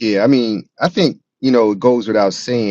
Yeah, I mean, I think you know it goes without saying.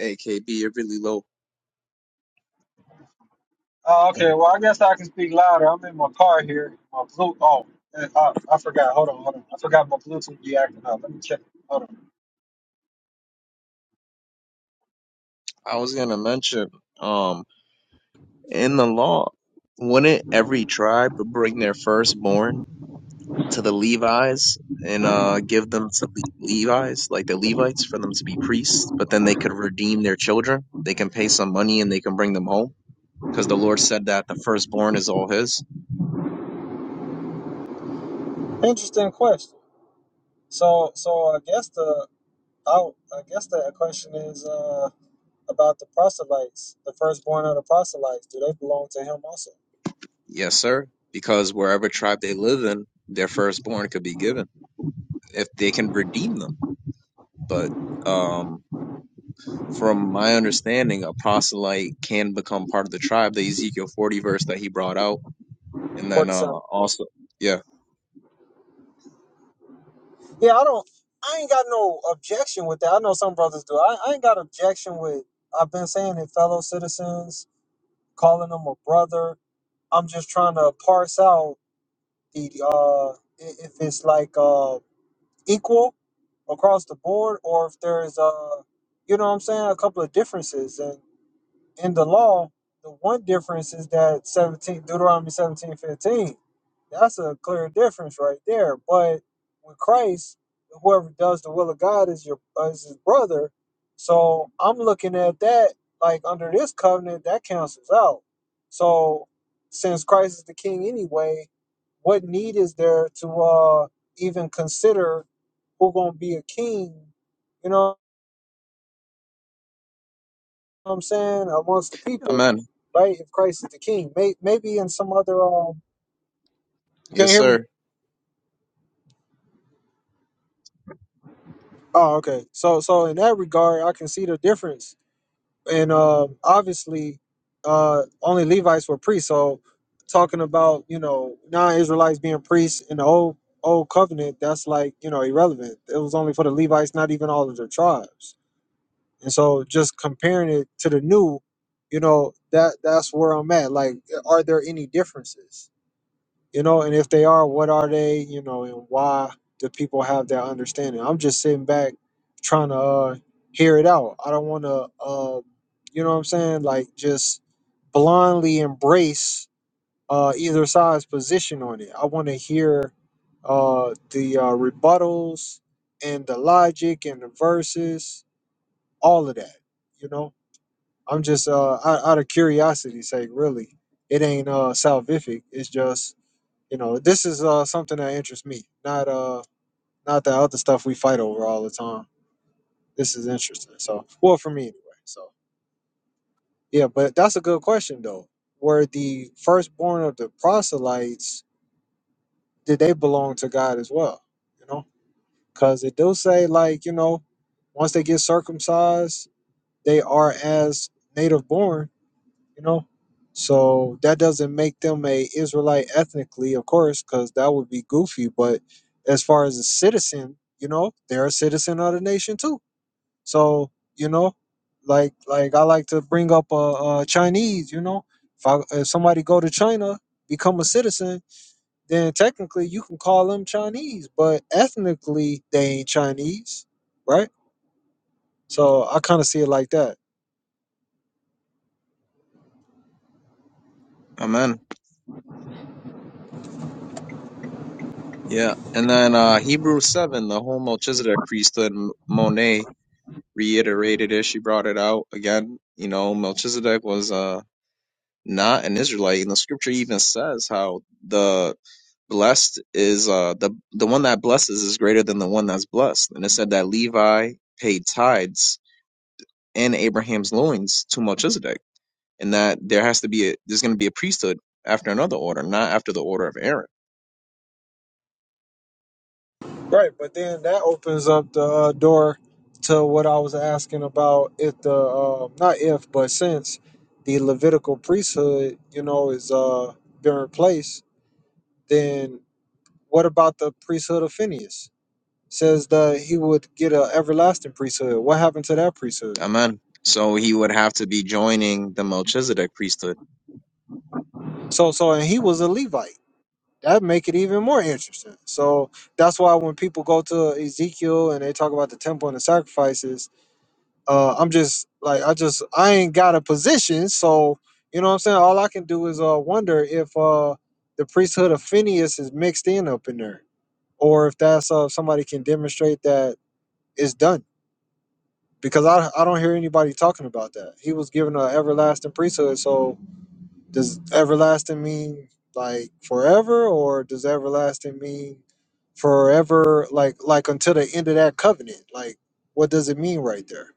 AKB, you're really low. I was gonna mention, um, in the law, wouldn't every tribe bring their firstborn to the Levites and uh give them to Le Levites, like the Levites, for them to be priests? But then they could redeem their children. They can pay some money and they can bring them home, because the Lord said that the firstborn is all His. Yes, sir. Because wherever tribe they live in, their firstborn could be given if they can redeem them. But um. From my understanding, a proselyte can become part of the tribe, the Ezekiel 40 verse that he brought out. And then uh also yeah. Amen. Yes, sir. just two, you know, that that like are there any differences? You know, you know, why do people have that understanding? I'm just sitting back trying to uh hear it out. I don't wanna uh you know what I'm saying, like just blindly embrace uh either side's position on it. I wanna hear uh the rebuttals and the logic and the verses, all of that, you know? I'm just uh out, out of curiosity's sake, really. It ain't uh salvific. It's just you know this is uh something that interests me, not uh not the other stuff we fight over all the time. This is interesting. So well for me anyway. So yeah, but that's a good question though. Were the firstborn of the proselytes did they belong to God as well? You know, because it do say like you know once they get circumcised they are as native born you know so that doesn't make them a israelite ethnically of course because that would be goofy but as far as a citizen you know they're a citizen of the nation too so you know like like i like to bring up uh, uh chinese you know if, I, if somebody go to china become a citizen Amen. Yeah. And then uh Hebrews seven, the whole Melchizedek priesthood M- Monet reiterated it. She brought it out again. You know, Melchizedek was uh not an Israelite, and the scripture even says how the blessed is uh the the one that blesses is greater than the one that's blessed. And it said that Levi paid tithes in Abraham's loins to Melchizedek, and that there has to be a there's going to be a priesthood after another order, not after the order of Aaron. right but then that opens up the uh, door to what i was asking about if the uh, not if but since the levitical priesthood you know is uh been replaced then what about the priesthood of Phineas? Says that he would get an everlasting priesthood. What happened to that priesthood? Amen. So he would have to be joining the Melchizedek priesthood. So so and he was a Levite. That make it even more interesting. So that's why when people go to Ezekiel and they talk about the temple and the sacrifices, uh, I'm just like I just I ain't got a position, so you know what I'm saying. All I can do is uh wonder if uh the priesthood of Phineas is mixed in up in there, or if that's uh somebody can demonstrate that it's done because I, I don't hear anybody talking about that. He was given an everlasting priesthood. So does everlasting mean like forever, or does everlasting mean forever, like like until the end of that covenant? Like, what does it mean right there?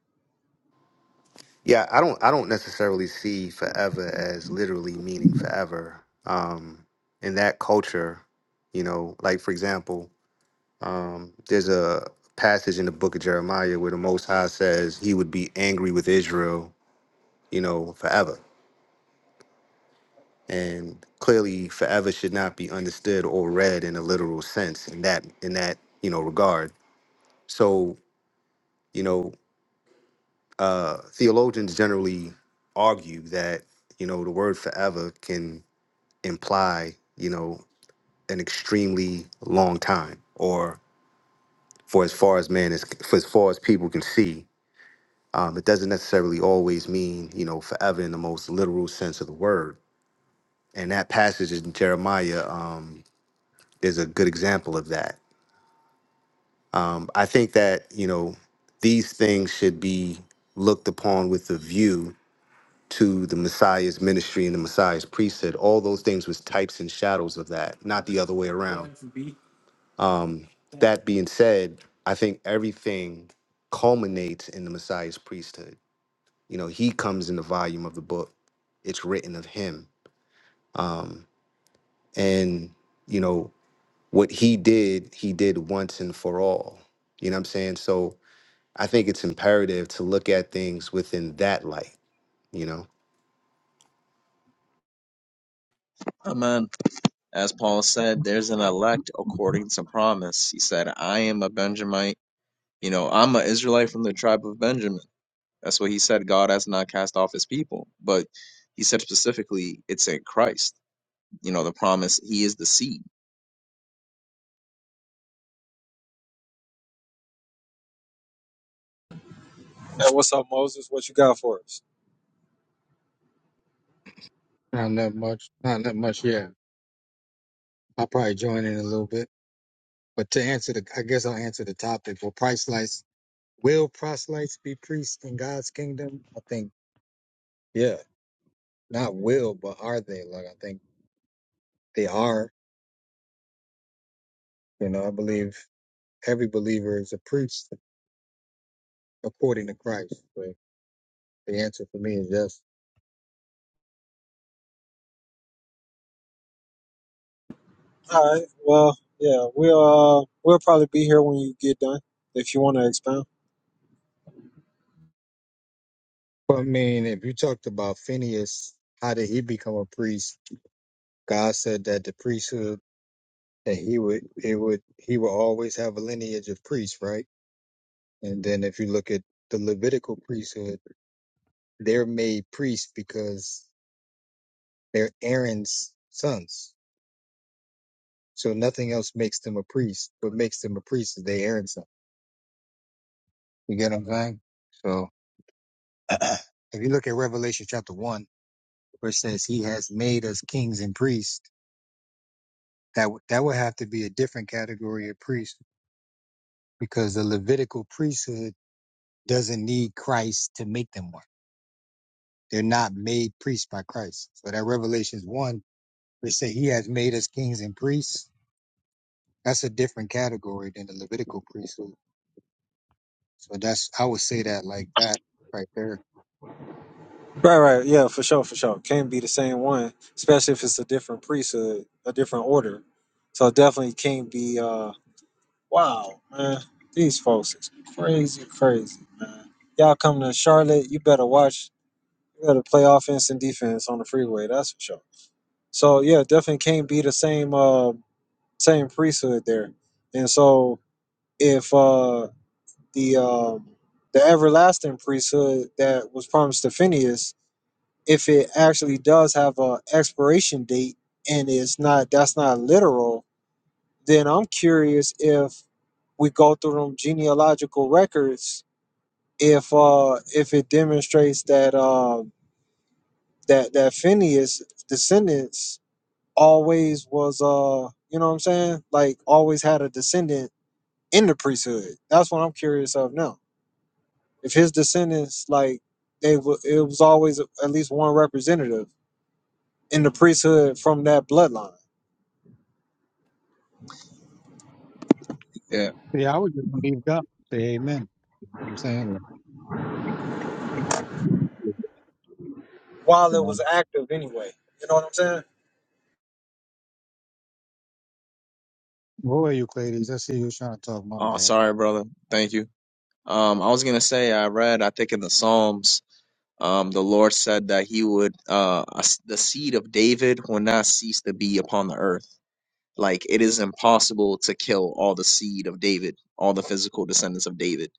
Amen. As Paul said, there's an elect according to promise. He said, I am a Benjamite. You know, I'm an Israelite from the tribe of Benjamin. That's what he said. God has not cast off his people. But he said specifically, it's in Christ. You know, the promise, he is the seed. Yeah, what's up, Moses? What you got for us? Not that much. Not that much. Yeah, I'll probably join in a little bit. But to answer the, I guess I'll answer the topic. Will proselytes, will proselytes be priests in God's kingdom? I think, yeah, not will, but are they? Like, I think they are. You know, I believe every believer is a priest according to Christ. So the answer for me is yes. All right. Well, yeah, we'll uh, we'll probably be here when you get done if you want to expound. But I mean, if you talked about Phineas, how did he become a priest? God said that the priesthood that he would, it would, he will always have a lineage of priests, right? And then if you look at the Levitical priesthood, they're made priests because they're Aaron's sons. So nothing else makes them a priest. What makes them a priest is they Aaron's son. You get what I'm saying? So if you look at Revelation chapter one, where it says he has made us kings and priests, that would that would have to be a different category of priest because the Levitical priesthood doesn't need Christ to make them one. They're not made priests by Christ. So that Revelations one They say he has made us kings and priests. That's a different category than the Levitical priesthood. So that's I would say that like that right there. Right, right, yeah, for sure, for sure. Can't be the same one, especially if it's a different priesthood, a different order. So definitely can't be. uh Wow, man, these folks is crazy, crazy, man. Y'all come to Charlotte, you better watch. You better play offense and defense on the freeway. That's for sure. So yeah, definitely can't be the same, uh same priesthood there. And so if uh the um the everlasting priesthood that was promised to Phineas if it actually does have a expiration date and it's not that's not literal then i'm curious if we go through them genealogical records if uh if it demonstrates that um that that phineas descendants always was uh you know what i'm saying like always had a descendant in the priesthood that's what i'm curious of now if his descendants like they w- it was always at least one representative in the priesthood from that bloodline Yeah. Yeah, I would just leave it up. Say amen. You know what I'm saying, Like, while you it know, was active anyway. You know what I'm saying? who are you, Euclides? I see you was trying to talk. My Oh, bad. sorry, brother. Thank you. Um, I was gonna say I read I think in the Psalms, um, the Lord said that He would uh us- the seed of David will not cease to be upon the earth. Like it is impossible to kill all the seed of David, all the physical descendants of David.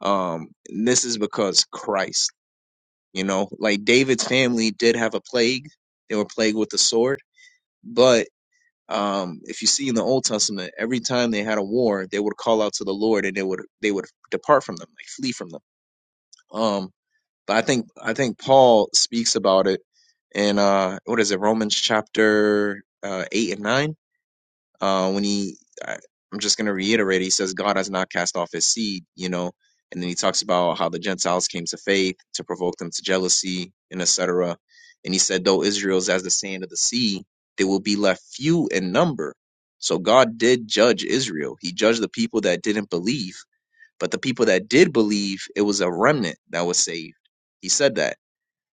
Um, and this is because Christ, you know, like David's family did have a plague. They were plagued with the sword, but um, if you see in the Old Testament, every time they had a war, they would call out to the Lord and they would they would depart from them, like flee from them. Um, But I think I think Paul speaks about it in uh what is it Romans chapter uh, eight and nine uh when he I, I'm just gonna reiterate he says God has not cast off his seed you know and then he talks about how the Gentiles came to faith to provoke them to jealousy and etc and he said though Israel's as the sand of the sea they will be left few in number so God did judge Israel he judged the people that didn't believe but the people that did believe it was a remnant that was saved he said that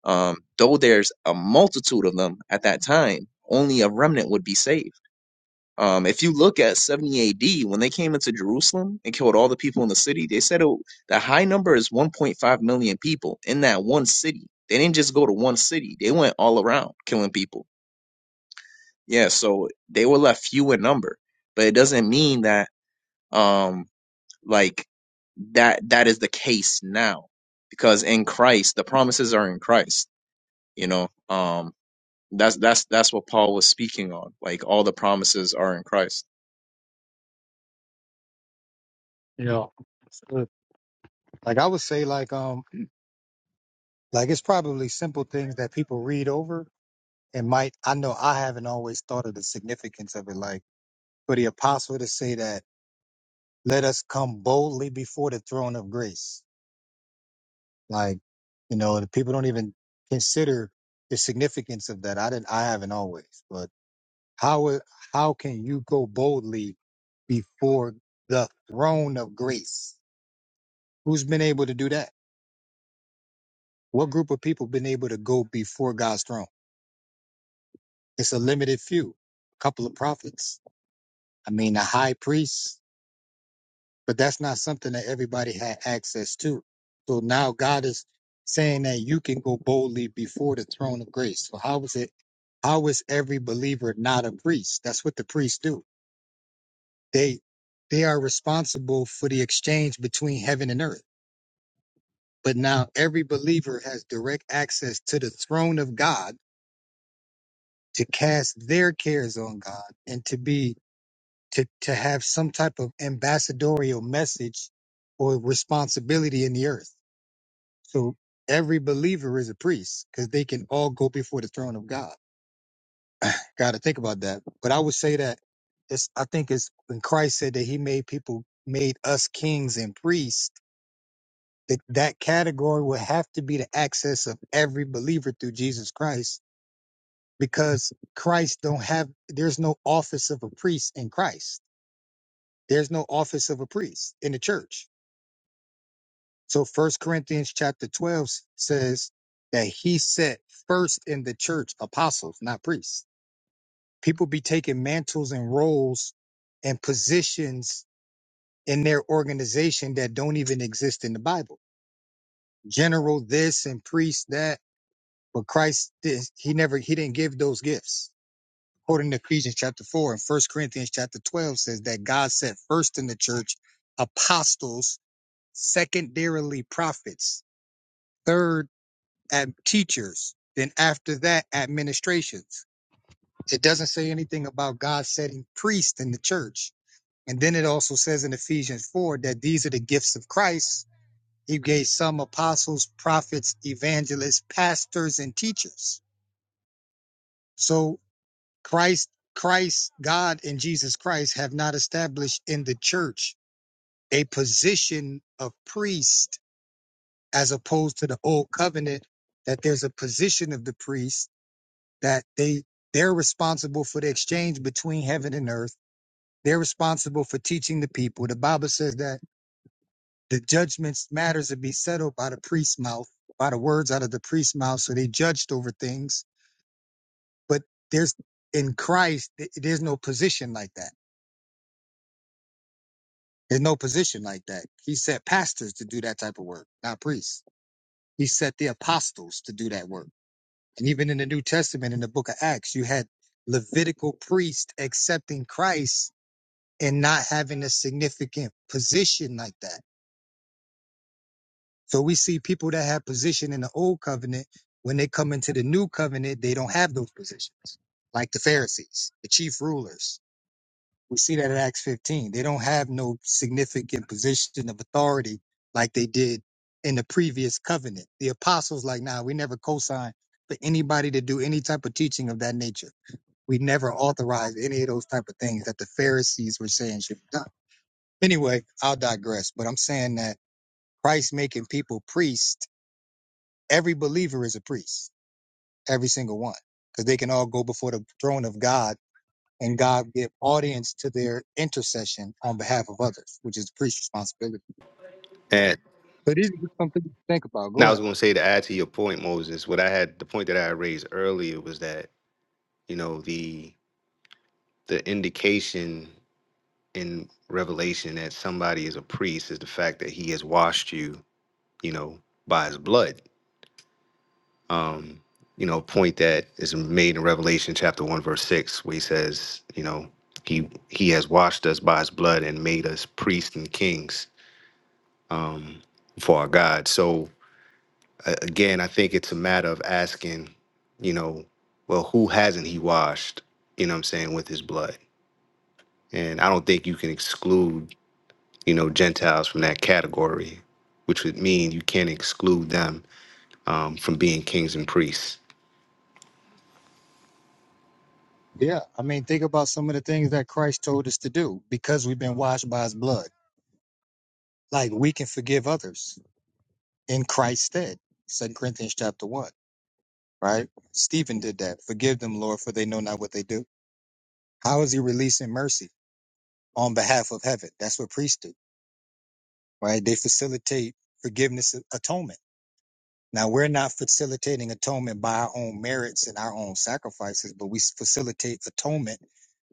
um, though there's a multitude of them at that time, only a remnant would be saved. Um, if you look at 70 AD, when they came into Jerusalem and killed all the people in the city, they said it, the high number is 1.5 million people in that one city. They didn't just go to one city, they went all around killing people. Yeah, so they were left few in number, but it doesn't mean that, um, like, that that is the case now because in Christ the promises are in Christ you know um That's that's that's what Paul was speaking on. Like all the promises are in Christ. Yeah. So, Like I would say, like um, like it's probably simple things that people read over and might. I know I haven't always thought of the significance of it. Like for the apostle to say that, "Let us come boldly before the throne of grace." Like, you know, the people don't even consider the significance of that. I didn't, I haven't always, but how, it- how can you go boldly before the throne of grace? Who's been able to do that? What group of people been able to go before God's throne? It's a limited few, a couple of prophets. I mean, a high priest, but that's not something that everybody had access to. So now God is saying that you can go boldly before the throne of grace. So how is it? How is every believer not a priest? That's what the priests do. They they are responsible for the exchange between heaven and earth. But now every believer has direct access to the throne of God to cast their cares on God and to be to to have some type of ambassadorial message or responsibility in the earth So every believer is a priest because they can all go before the throne of God. Got to think about that. But I would say that it's, I think it's when Christ said that he made people, made us kings and priests, that that category would have to be the access of every believer through Jesus Christ because Christ don't have, there's no office of a priest in Christ. There's no office of a priest in the church. So First Corinthians chapter 12 s- says that he set first in the church apostles, not priests. People be taking mantles and roles and positions in their organization that don't even exist in the Bible. General this and priest that, but Christ did he never he didn't give those gifts. According to Ephesians chapter 4 and First Corinthians chapter 12 says that God set first in the church apostles, secondarily prophets, third. and teachers. Then after that, administrations. It doesn't say anything about God setting priests in the church. And then it also says in Ephesians 4 that these are the gifts of Christ. He gave some apostles, prophets, evangelists, pastors, and teachers. So Christ, Christ, God, and Jesus Christ have not established in the church a position of priest as opposed to the old covenant that there's a position of the priest that they they're responsible for the exchange between heaven and earth. They're responsible for teaching the people. The Bible says that the judgments matters to be settled by the priest's mouth, by the words out of the priest's mouth. So they judged over things. But there's in Christ, th- there's no position like that. There's no position like that. He set pastors to do that type of work, not priests. He set the apostles to do that work. And even in the New Testament, in the book of Acts, you had Levitical priests accepting Christ and not having a significant position like that. So we see people that have position in the old covenant, when they come into the new covenant, they don't have those positions, like the Pharisees, the chief rulers. We see that in Acts 15. They don't have no significant position of authority like they did in the previous covenant. The apostles, like, nah, we never co-signed for anybody to do any type of teaching of that nature. We never authorized any of those type of things that the Pharisees were saying should be done. Anyway, I'll digress, but I'm saying that Christ making people priests, every believer is a priest, every single one, because they can all go before the throne of God and God give audience to their intercession on behalf of others, which is the priest's responsibility. But it is something to think about. Go ahead. Yeah, I mean, think about some of the things that Christ told us to do because we've been washed by his blood. Like we can forgive others in Christ's stead. Second Corinthians chapter one, right? Stephen did that. Forgive them, Lord, for they know not what they do How is he releasing mercy on behalf of heaven? That's what priests do, right? They facilitate forgiveness, atonement. Now, we're not facilitating atonement by our own merits and our own sacrifices, but we facilitate atonement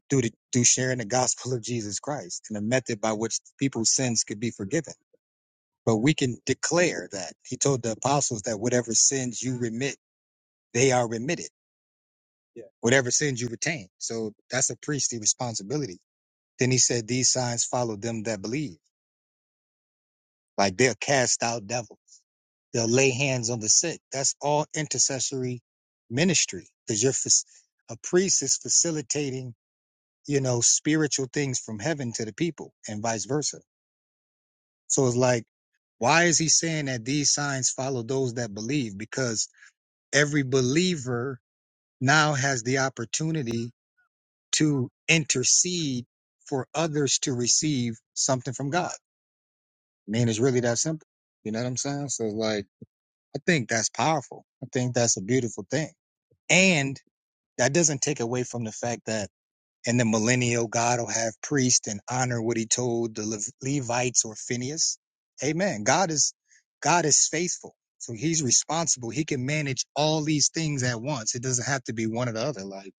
through, the, through sharing the gospel of Jesus Christ and the method by which people's sins could be forgiven. But we can declare that. He told the apostles that whatever sins you remit, they are remitted. Yeah. Whatever sins you retain. So that's a priestly responsibility. Then he said, These signs follow them that believe. Like they'll cast out devils. They'll lay hands on the sick. That's all intercessory ministry because you're fac- a priest is facilitating, you know, spiritual things from heaven to the people and vice versa. So it's like, why is he saying that these signs follow those that believe? Because every believer now has the opportunity to intercede for others to receive something from God. I mean, it's really that simple. You know what I'm saying? So it's like, I think that's powerful. I think that's a beautiful thing. And that doesn't take away from the fact that in the millennial, God will have priest and honor what he told the Lev- Levites or Phineas. Amen. God is, God is faithful. So he's responsible. He can manage all these things at once. It doesn't have to be one or the other. Like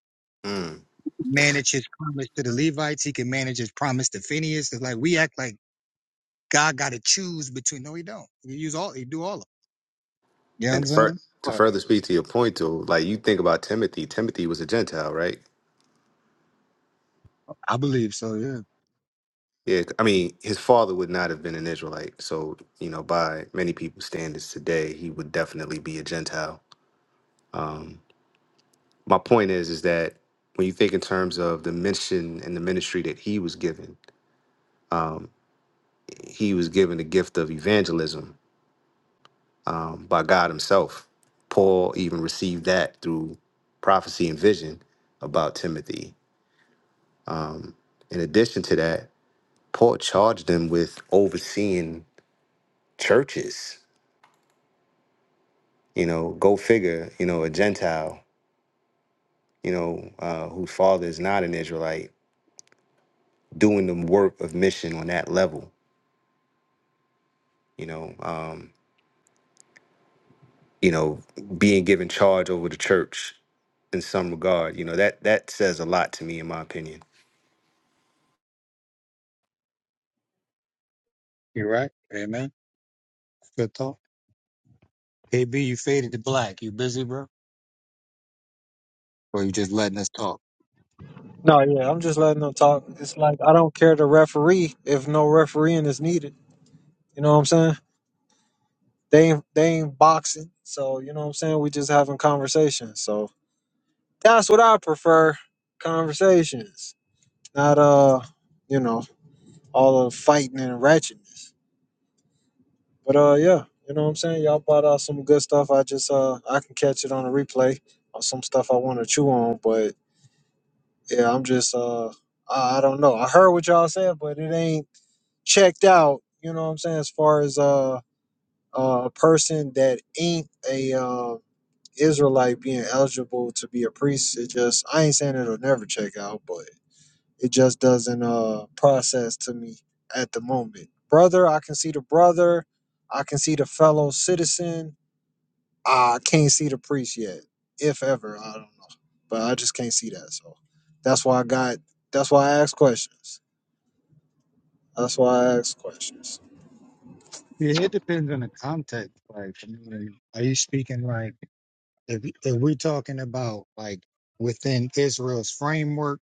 manage his promise to the Levites. He can manage his promise to Phineas. It's like we act like God got to choose between. No, he don't. He use all, he do all of them. You know what I'm saying? Right. I believe so. Yeah. You're right. Amen. Good talk. Hey B, you faded to black. You busy, bro? Or you just letting us talk? No, yeah, I'm just letting them talk. It's like I don't care the referee if no refereeing is needed. You know what I'm saying? They ain't, they ain't boxing, so you know what I'm saying. We just having conversations. So that's what I prefer: conversations, not uh, you know, all the fighting and ratchetness. But uh, yeah, you know what I'm saying. Y'all brought out some good stuff. I just uh, I can catch it on a replay on some stuff I want to chew on, but Yeah, I'm just uh I I don't know. I heard what y'all said, but it ain't checked out, you know what I'm saying, as far as uh a person that ain't a uh, Israelite being eligible to be a priest. It just I ain't saying it'll never check out, but it just doesn't uh process to me at the moment. Brother, I can see the brother, I can see the fellow citizen, I can't see the priest yet, if ever. I don't know, but I just can't see that. So that's why I got. That's why I ask questions. That's why I ask questions. Yeah, it depends on the context. Like, I mean, are you speaking like if if we're talking about like within Israel's framework?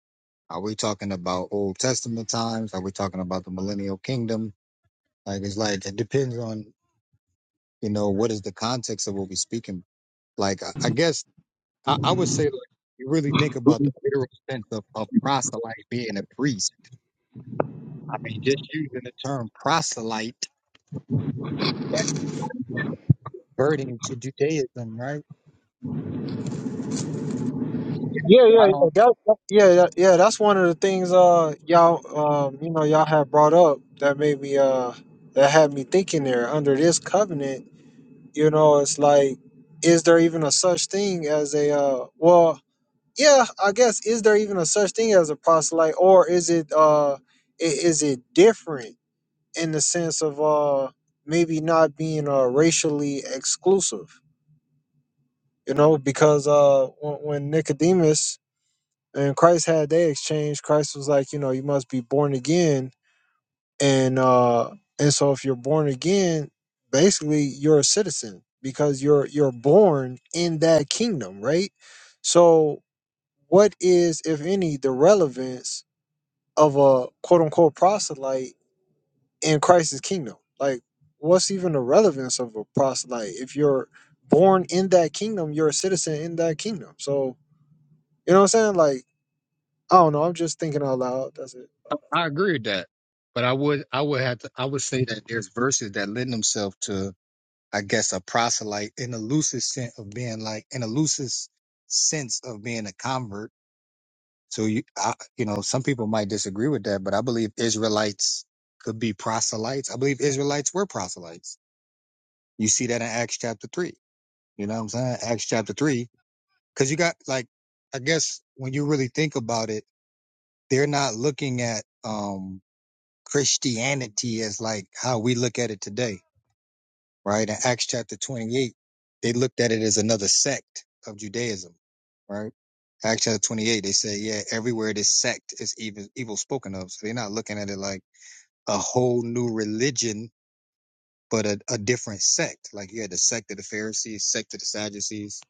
Are we talking about Old Testament times? Are we talking about the Millennial Kingdom? Like, it's like it depends on you know what is the context of what we're speaking. Like, I, I guess I, I would say like you really think about the literal sense of of proselyte being a priest I mean, just using the term proselyte, burden to Judaism, right? Yeah, yeah, I yeah. don't. That, that- yeah, yeah, yeah. That's one of the things. Uh, y'all, um, you know, y'all have brought up that made me. Uh, that had me thinking there. Under this covenant, you know, it's like, is there even a such thing as a? Uh, well, yeah, I guess is there even a such thing as a proselyte, or is it? Uh, i- is it different? in the sense of uh maybe not being uh racially exclusive you know because uh when, when nicodemus and christ had their exchange christ was like you know you must be born again and uh and so if you're born again basically you're a citizen because you're you're born in that kingdom right so what is if any the relevance of a quote unquote proselyte in Christ's kingdom. Like, what's even the relevance of a proselyte? If you're born in that kingdom, you're a citizen in that kingdom. So, you know what I'm saying? Like, I don't know. I'm just thinking out loud. That's I agree with that, but I would, I would have to, I would say that there's verses that lend themselves to, I guess, a proselyte in the loosest sense of being like, in the loosest sense of being a convert. So you, I, you know, some people might disagree with that, but I believe Israelites could be proselytes. I believe Israelites were proselytes. You see that in Acts chapter three. You know what I'm saying? Acts chapter three Cause you got like, I guess when you really think about it, they're not looking at, um, Christianity as like how we look at it today, right? In Acts chapter 28, they looked at it as another sect of Judaism, right? Acts chapter 28, they say, yeah, everywhere this sect is evil, evil spoken of. So they're not looking at it like a whole new religion, but a, a different sect. Like you had the sect of the Pharisees, sect of the Sadducees.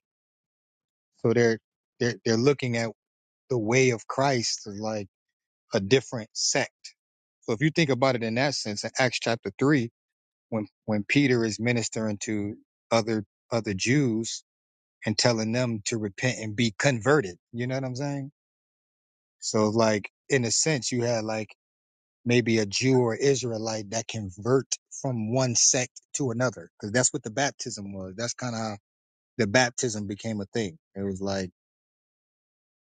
So they're, they're, they're looking at the way of Christ as like a different sect. So if you think about it in that sense, in Acts chapter three, when when Peter is ministering to other other Jews and telling them to repent and be converted, you know what I'm saying? So like in a sense, you had like maybe a Jew or Israelite that convert from one sect to another, because that's what the baptism was. That's kind of how the baptism became a thing. It was like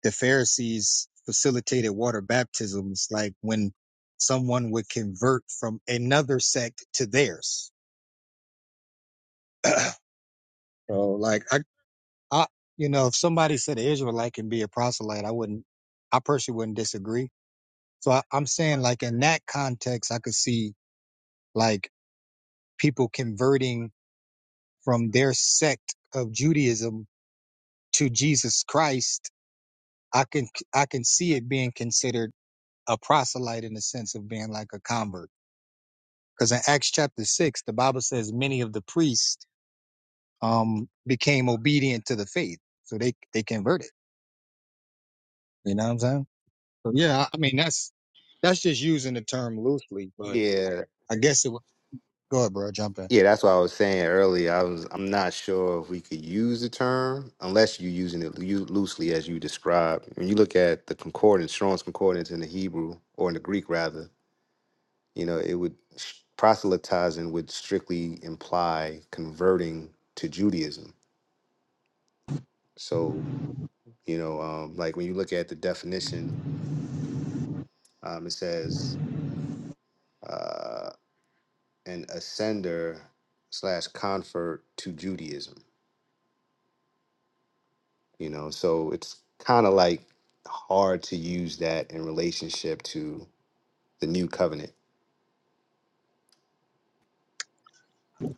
the Pharisees facilitated water baptisms, like when someone would convert from another sect to theirs. so, like, I, I, you know, if somebody said an Israelite can be a proselyte, I wouldn't, I personally wouldn't disagree. So I, I'm saying, like, in that context, I could see like people converting from their sect of Judaism to Jesus Christ. I can, I can see it being considered a proselyte in the sense of being like a convert. Because in Acts chapter six, the Bible says many of the priests um became obedient to the faith, so they they converted. You know what I'm saying? So yeah, I mean that's that's just using the term loosely, but I guess it would. Go ahead, bro. Jump in.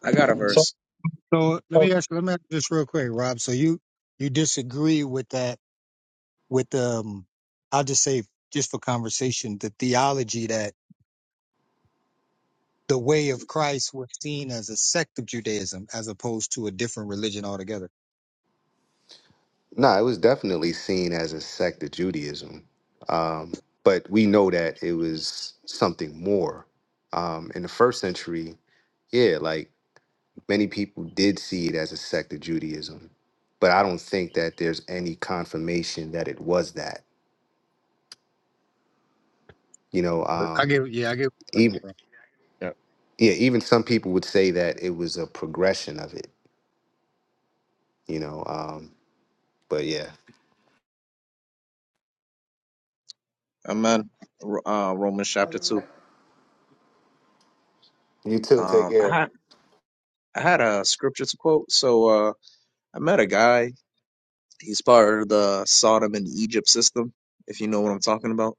I got a verse. So let me ask. Let me ask you this real quick, Rob. So you you disagree with that? With um, I'll just say just for conversation, the theology that the way of Christ was seen as a sect of Judaism as opposed to a different religion altogether. I get, yeah, I get. Amen. Ro- Uh, Romans chapter two. Um, I had, I had a scripture to quote. So uh, I met a guy. He's part of the Sodom and Egypt system, if you know what I'm talking about.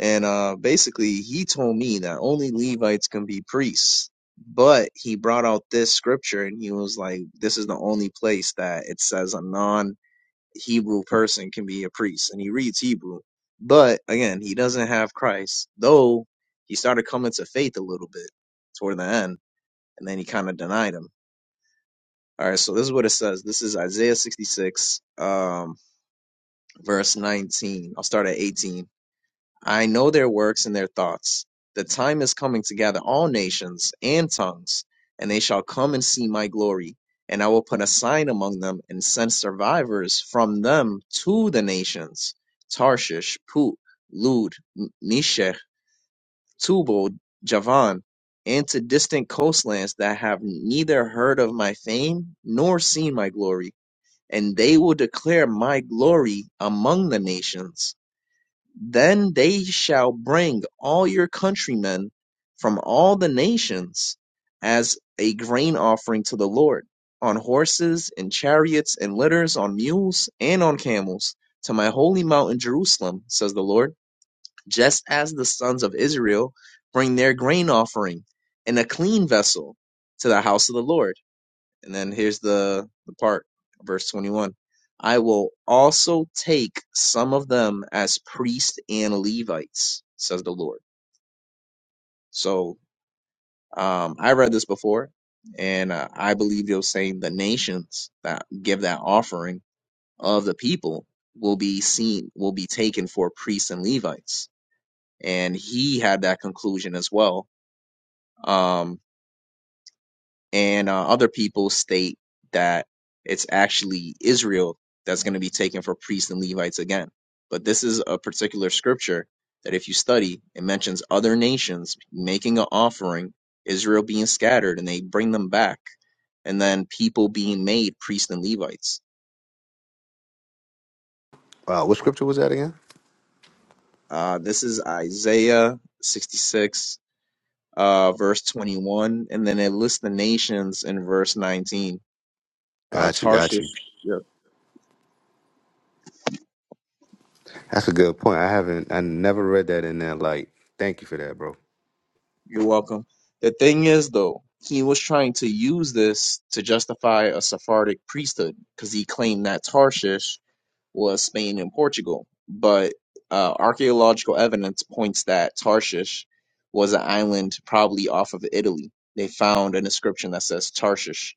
And uh, basically, he told me that only Levites can be priests. But he brought out this scripture, and he was like, "This is the only place that it says a non." Hebrew person can be a priest, and he reads Hebrew. But again, he doesn't have Christ, though he started coming to faith a little bit toward the end, and then he kind of denied him. All right, so this is what it says. This is Isaiah 66, um, verse 19. I'll start at 18. I know their works and their thoughts. The time is coming to gather all nations and tongues, and they shall come and see my glory. And I will put a sign among them and send survivors from them to the nations Tarshish, Put, Lud, M- Meshech, Tubal, Javan, and to distant coastlands that have neither heard of my fame nor seen my glory. And they will declare my glory among the nations then they shall bring all your countrymen from all the nations as a grain offering to the Lord, on horses, and chariots, and litters, on mules, and on camels, to my holy mountain Jerusalem, says the Lord, just as the sons of Israel bring their grain offering in a clean vessel to the house of the Lord. And then here's the, the part, verse 21. I will also take some of them as priests and Levites, says the Lord. So um, I read this before, and uh, I believe they was saying the nations that give that offering of the people will be seen, will be taken for priests and Levites. And he had that conclusion as well. Um, and uh, other people state that it's actually Israel that's going to be taken for priests and Levites again. But this is a particular scripture that, if you study, it mentions other nations making an offering, Israel being scattered, and they bring them back, and then people being made priests and Levites. Uh, this is Isaiah 66, uh, verse 21, and then it lists the nations in verse 19. Uh, Tarshish. yeah, You're welcome. The thing is, though, he was trying to use this to justify a Sephardic priesthood because he claimed that Tarshish was Spain and Portugal. But uh, archaeological evidence points that Tarshish was an island probably off of Italy. They found an inscription that says Tarshish.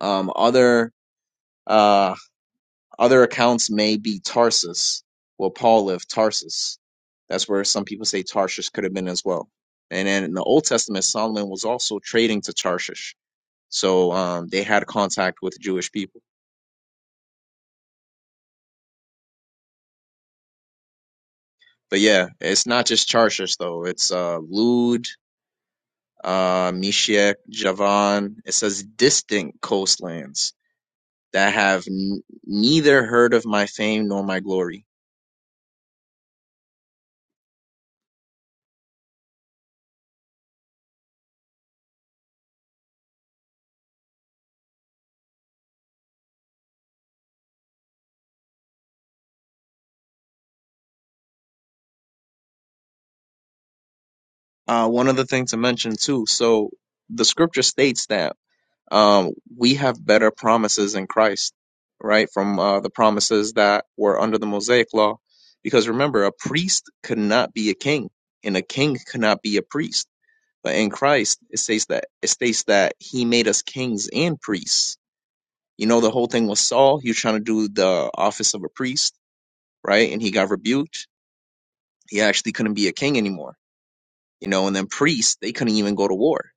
Um, other uh, other accounts may be Tarsus. Well, Paul lived Tarsus. That's where some people say Tarshish could have been as well. And then in the Old Testament, Solomon was also trading to Tarshish. So um, they had contact with Jewish people. But yeah, it's not just Tarshish though. It's uh, Lud, uh, Meshech, Javan. It says distant coastlands that have n- neither heard of my fame nor my glory. Uh, one other thing to mention too. So the scripture states that um, we have better promises in Christ, right? From uh, the promises that were under the Mosaic law. Because remember, a priest could not be a king, and a king could not be a priest. But in Christ, it states that it states that He made us kings and priests. You know, the whole thing with Saul, he was trying to do the office of a priest, right? And he got rebuked. He actually couldn't be a king anymore. You know, and then priests, they couldn't even go to war.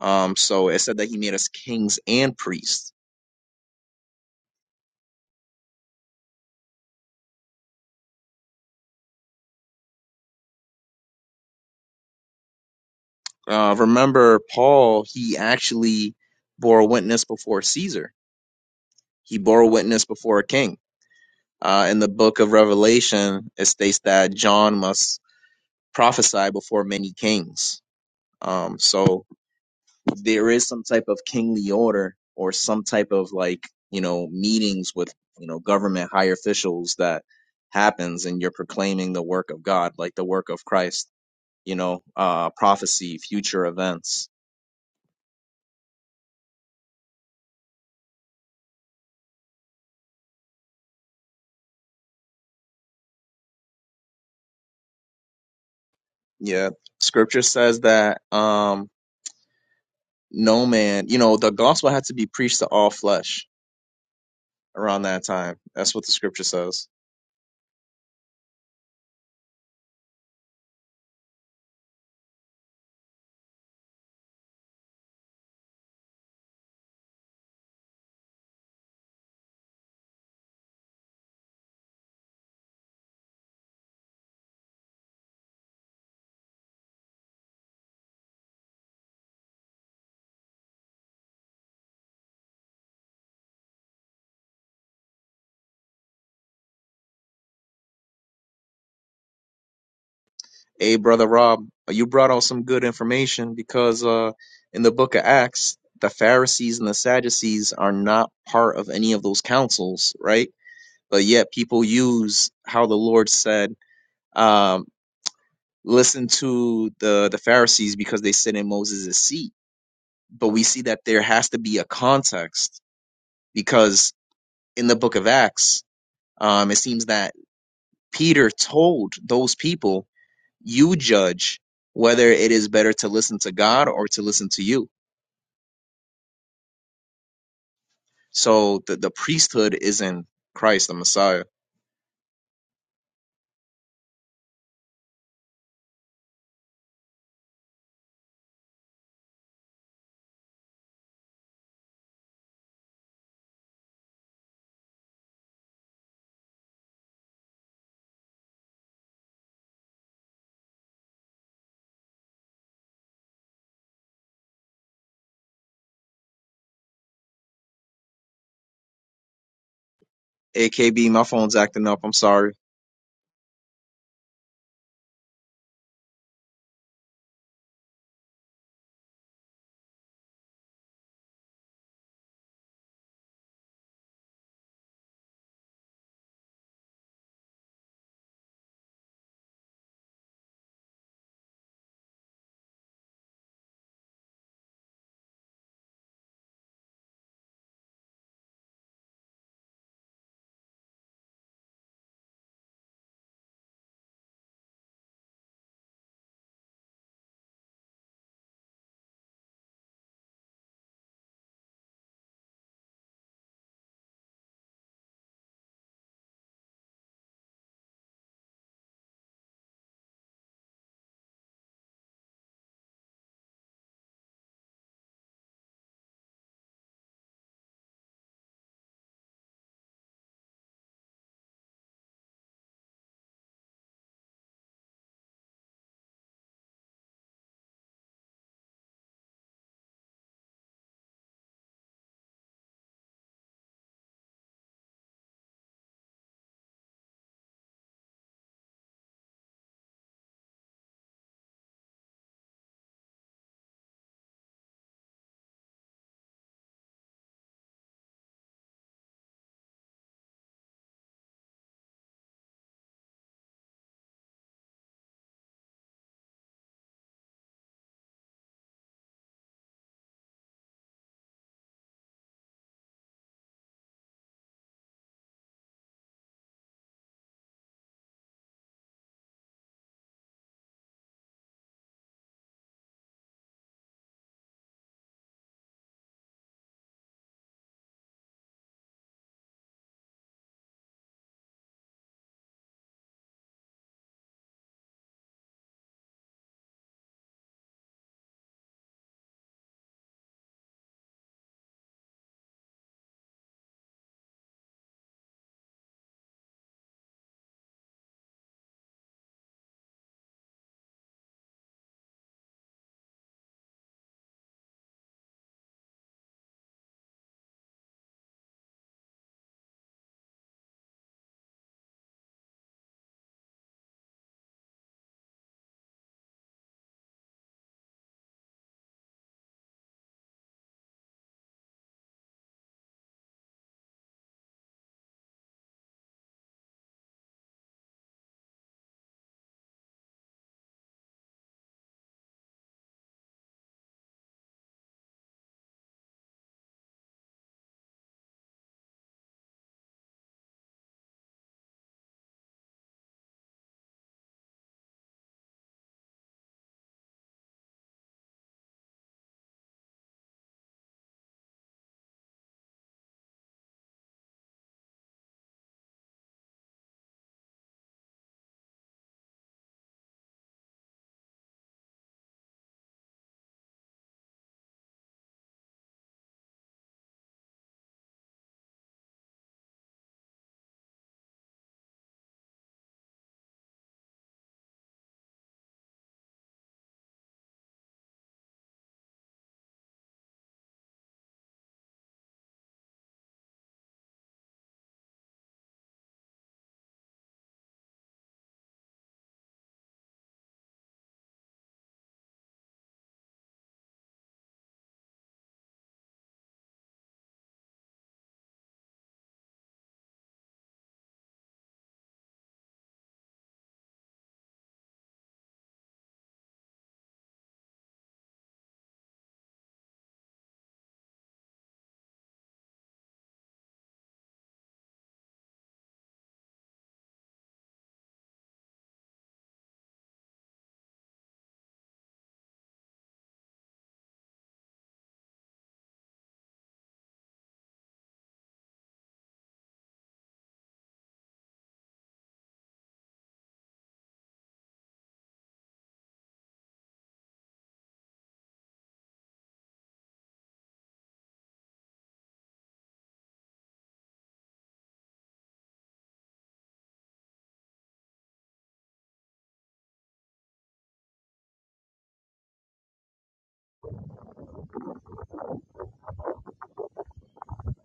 Um, so it said that he made us kings and priests uh, remember Paul, he actually bore witness before Caesar. He bore witness before a king. Uh, in the book of Revelation, it states that John must prophesy before many kings. Um, so there is some type of kingly order or some type of like, you know, meetings with, you know, government high officials that happens and you're proclaiming the work of God, like the work of Christ, you know, uh, prophecy, future events Yeah. Scripture says that um no man, you know, the gospel had to be preached to all flesh around that time. That's what the scripture says. Hey, brother Rob, you brought out some good information because uh in the book of Acts, the Pharisees and the Sadducees are not part of any of those councils, right? But yet people use how the Lord said, um, listen to the the Pharisees because they sit in Moses' seat. But we see that there has to be a context because in the book of Acts, um, it seems that Peter told those people, you judge whether it is better to listen to God or to listen to you. So the, the priesthood is in Christ, the Messiah. AKB, my phone's acting up. I'm sorry.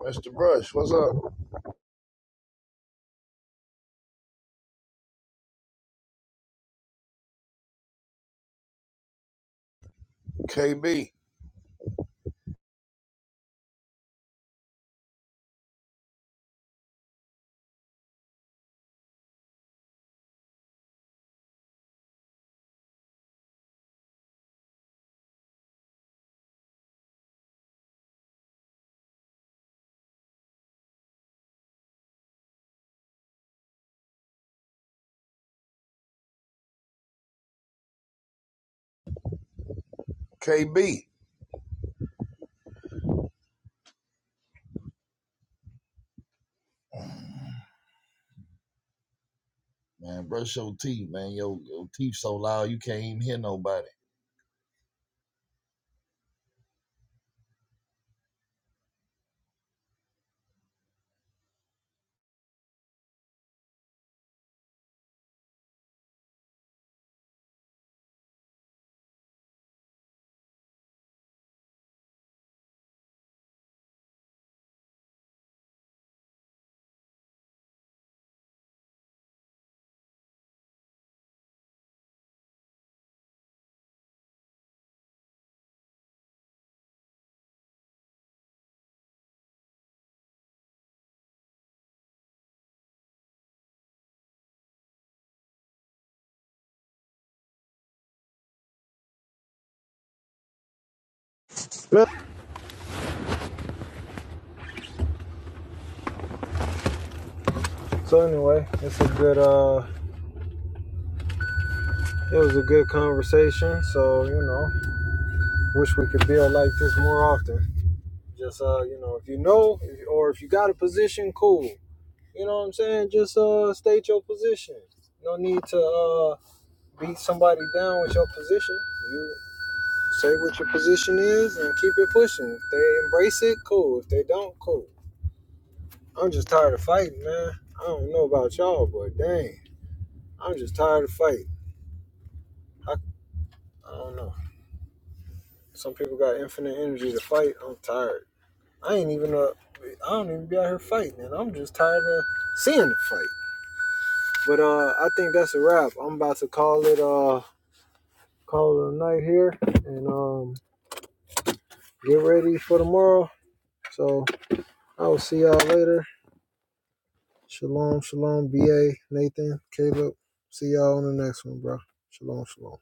Mr. Brush, what's up? KB, KB, man, brush your teeth, man. Your, your teeth so loud you can't even hear nobody. it. So anyway, it's a good uh it was a good conversation. So, you know, wish we could build like this more often. Just uh, you know, if you know if you're ocean cool, you know, just uh state your position. No need to uh beat somebody down with your position. You Say what your position is and keep it pushing. If they embrace it, cool. If they don't, cool. I'm just tired of fighting, man. I don't know about y'all, but dang, I'm just tired of fighting. I, I don't know. Some people got infinite energy to fight. I'm tired. I ain't even up. I don't even be out here fighting, and I'm just tired of seeing the fight. But uh, I think that's a wrap. I'm about to call it uh call it a night here, and um get ready for tomorrow. So I will see y'all later. Shalom, shalom, BA, Nathan, Caleb. See y'all on the next one, bro. Shalom, shalom.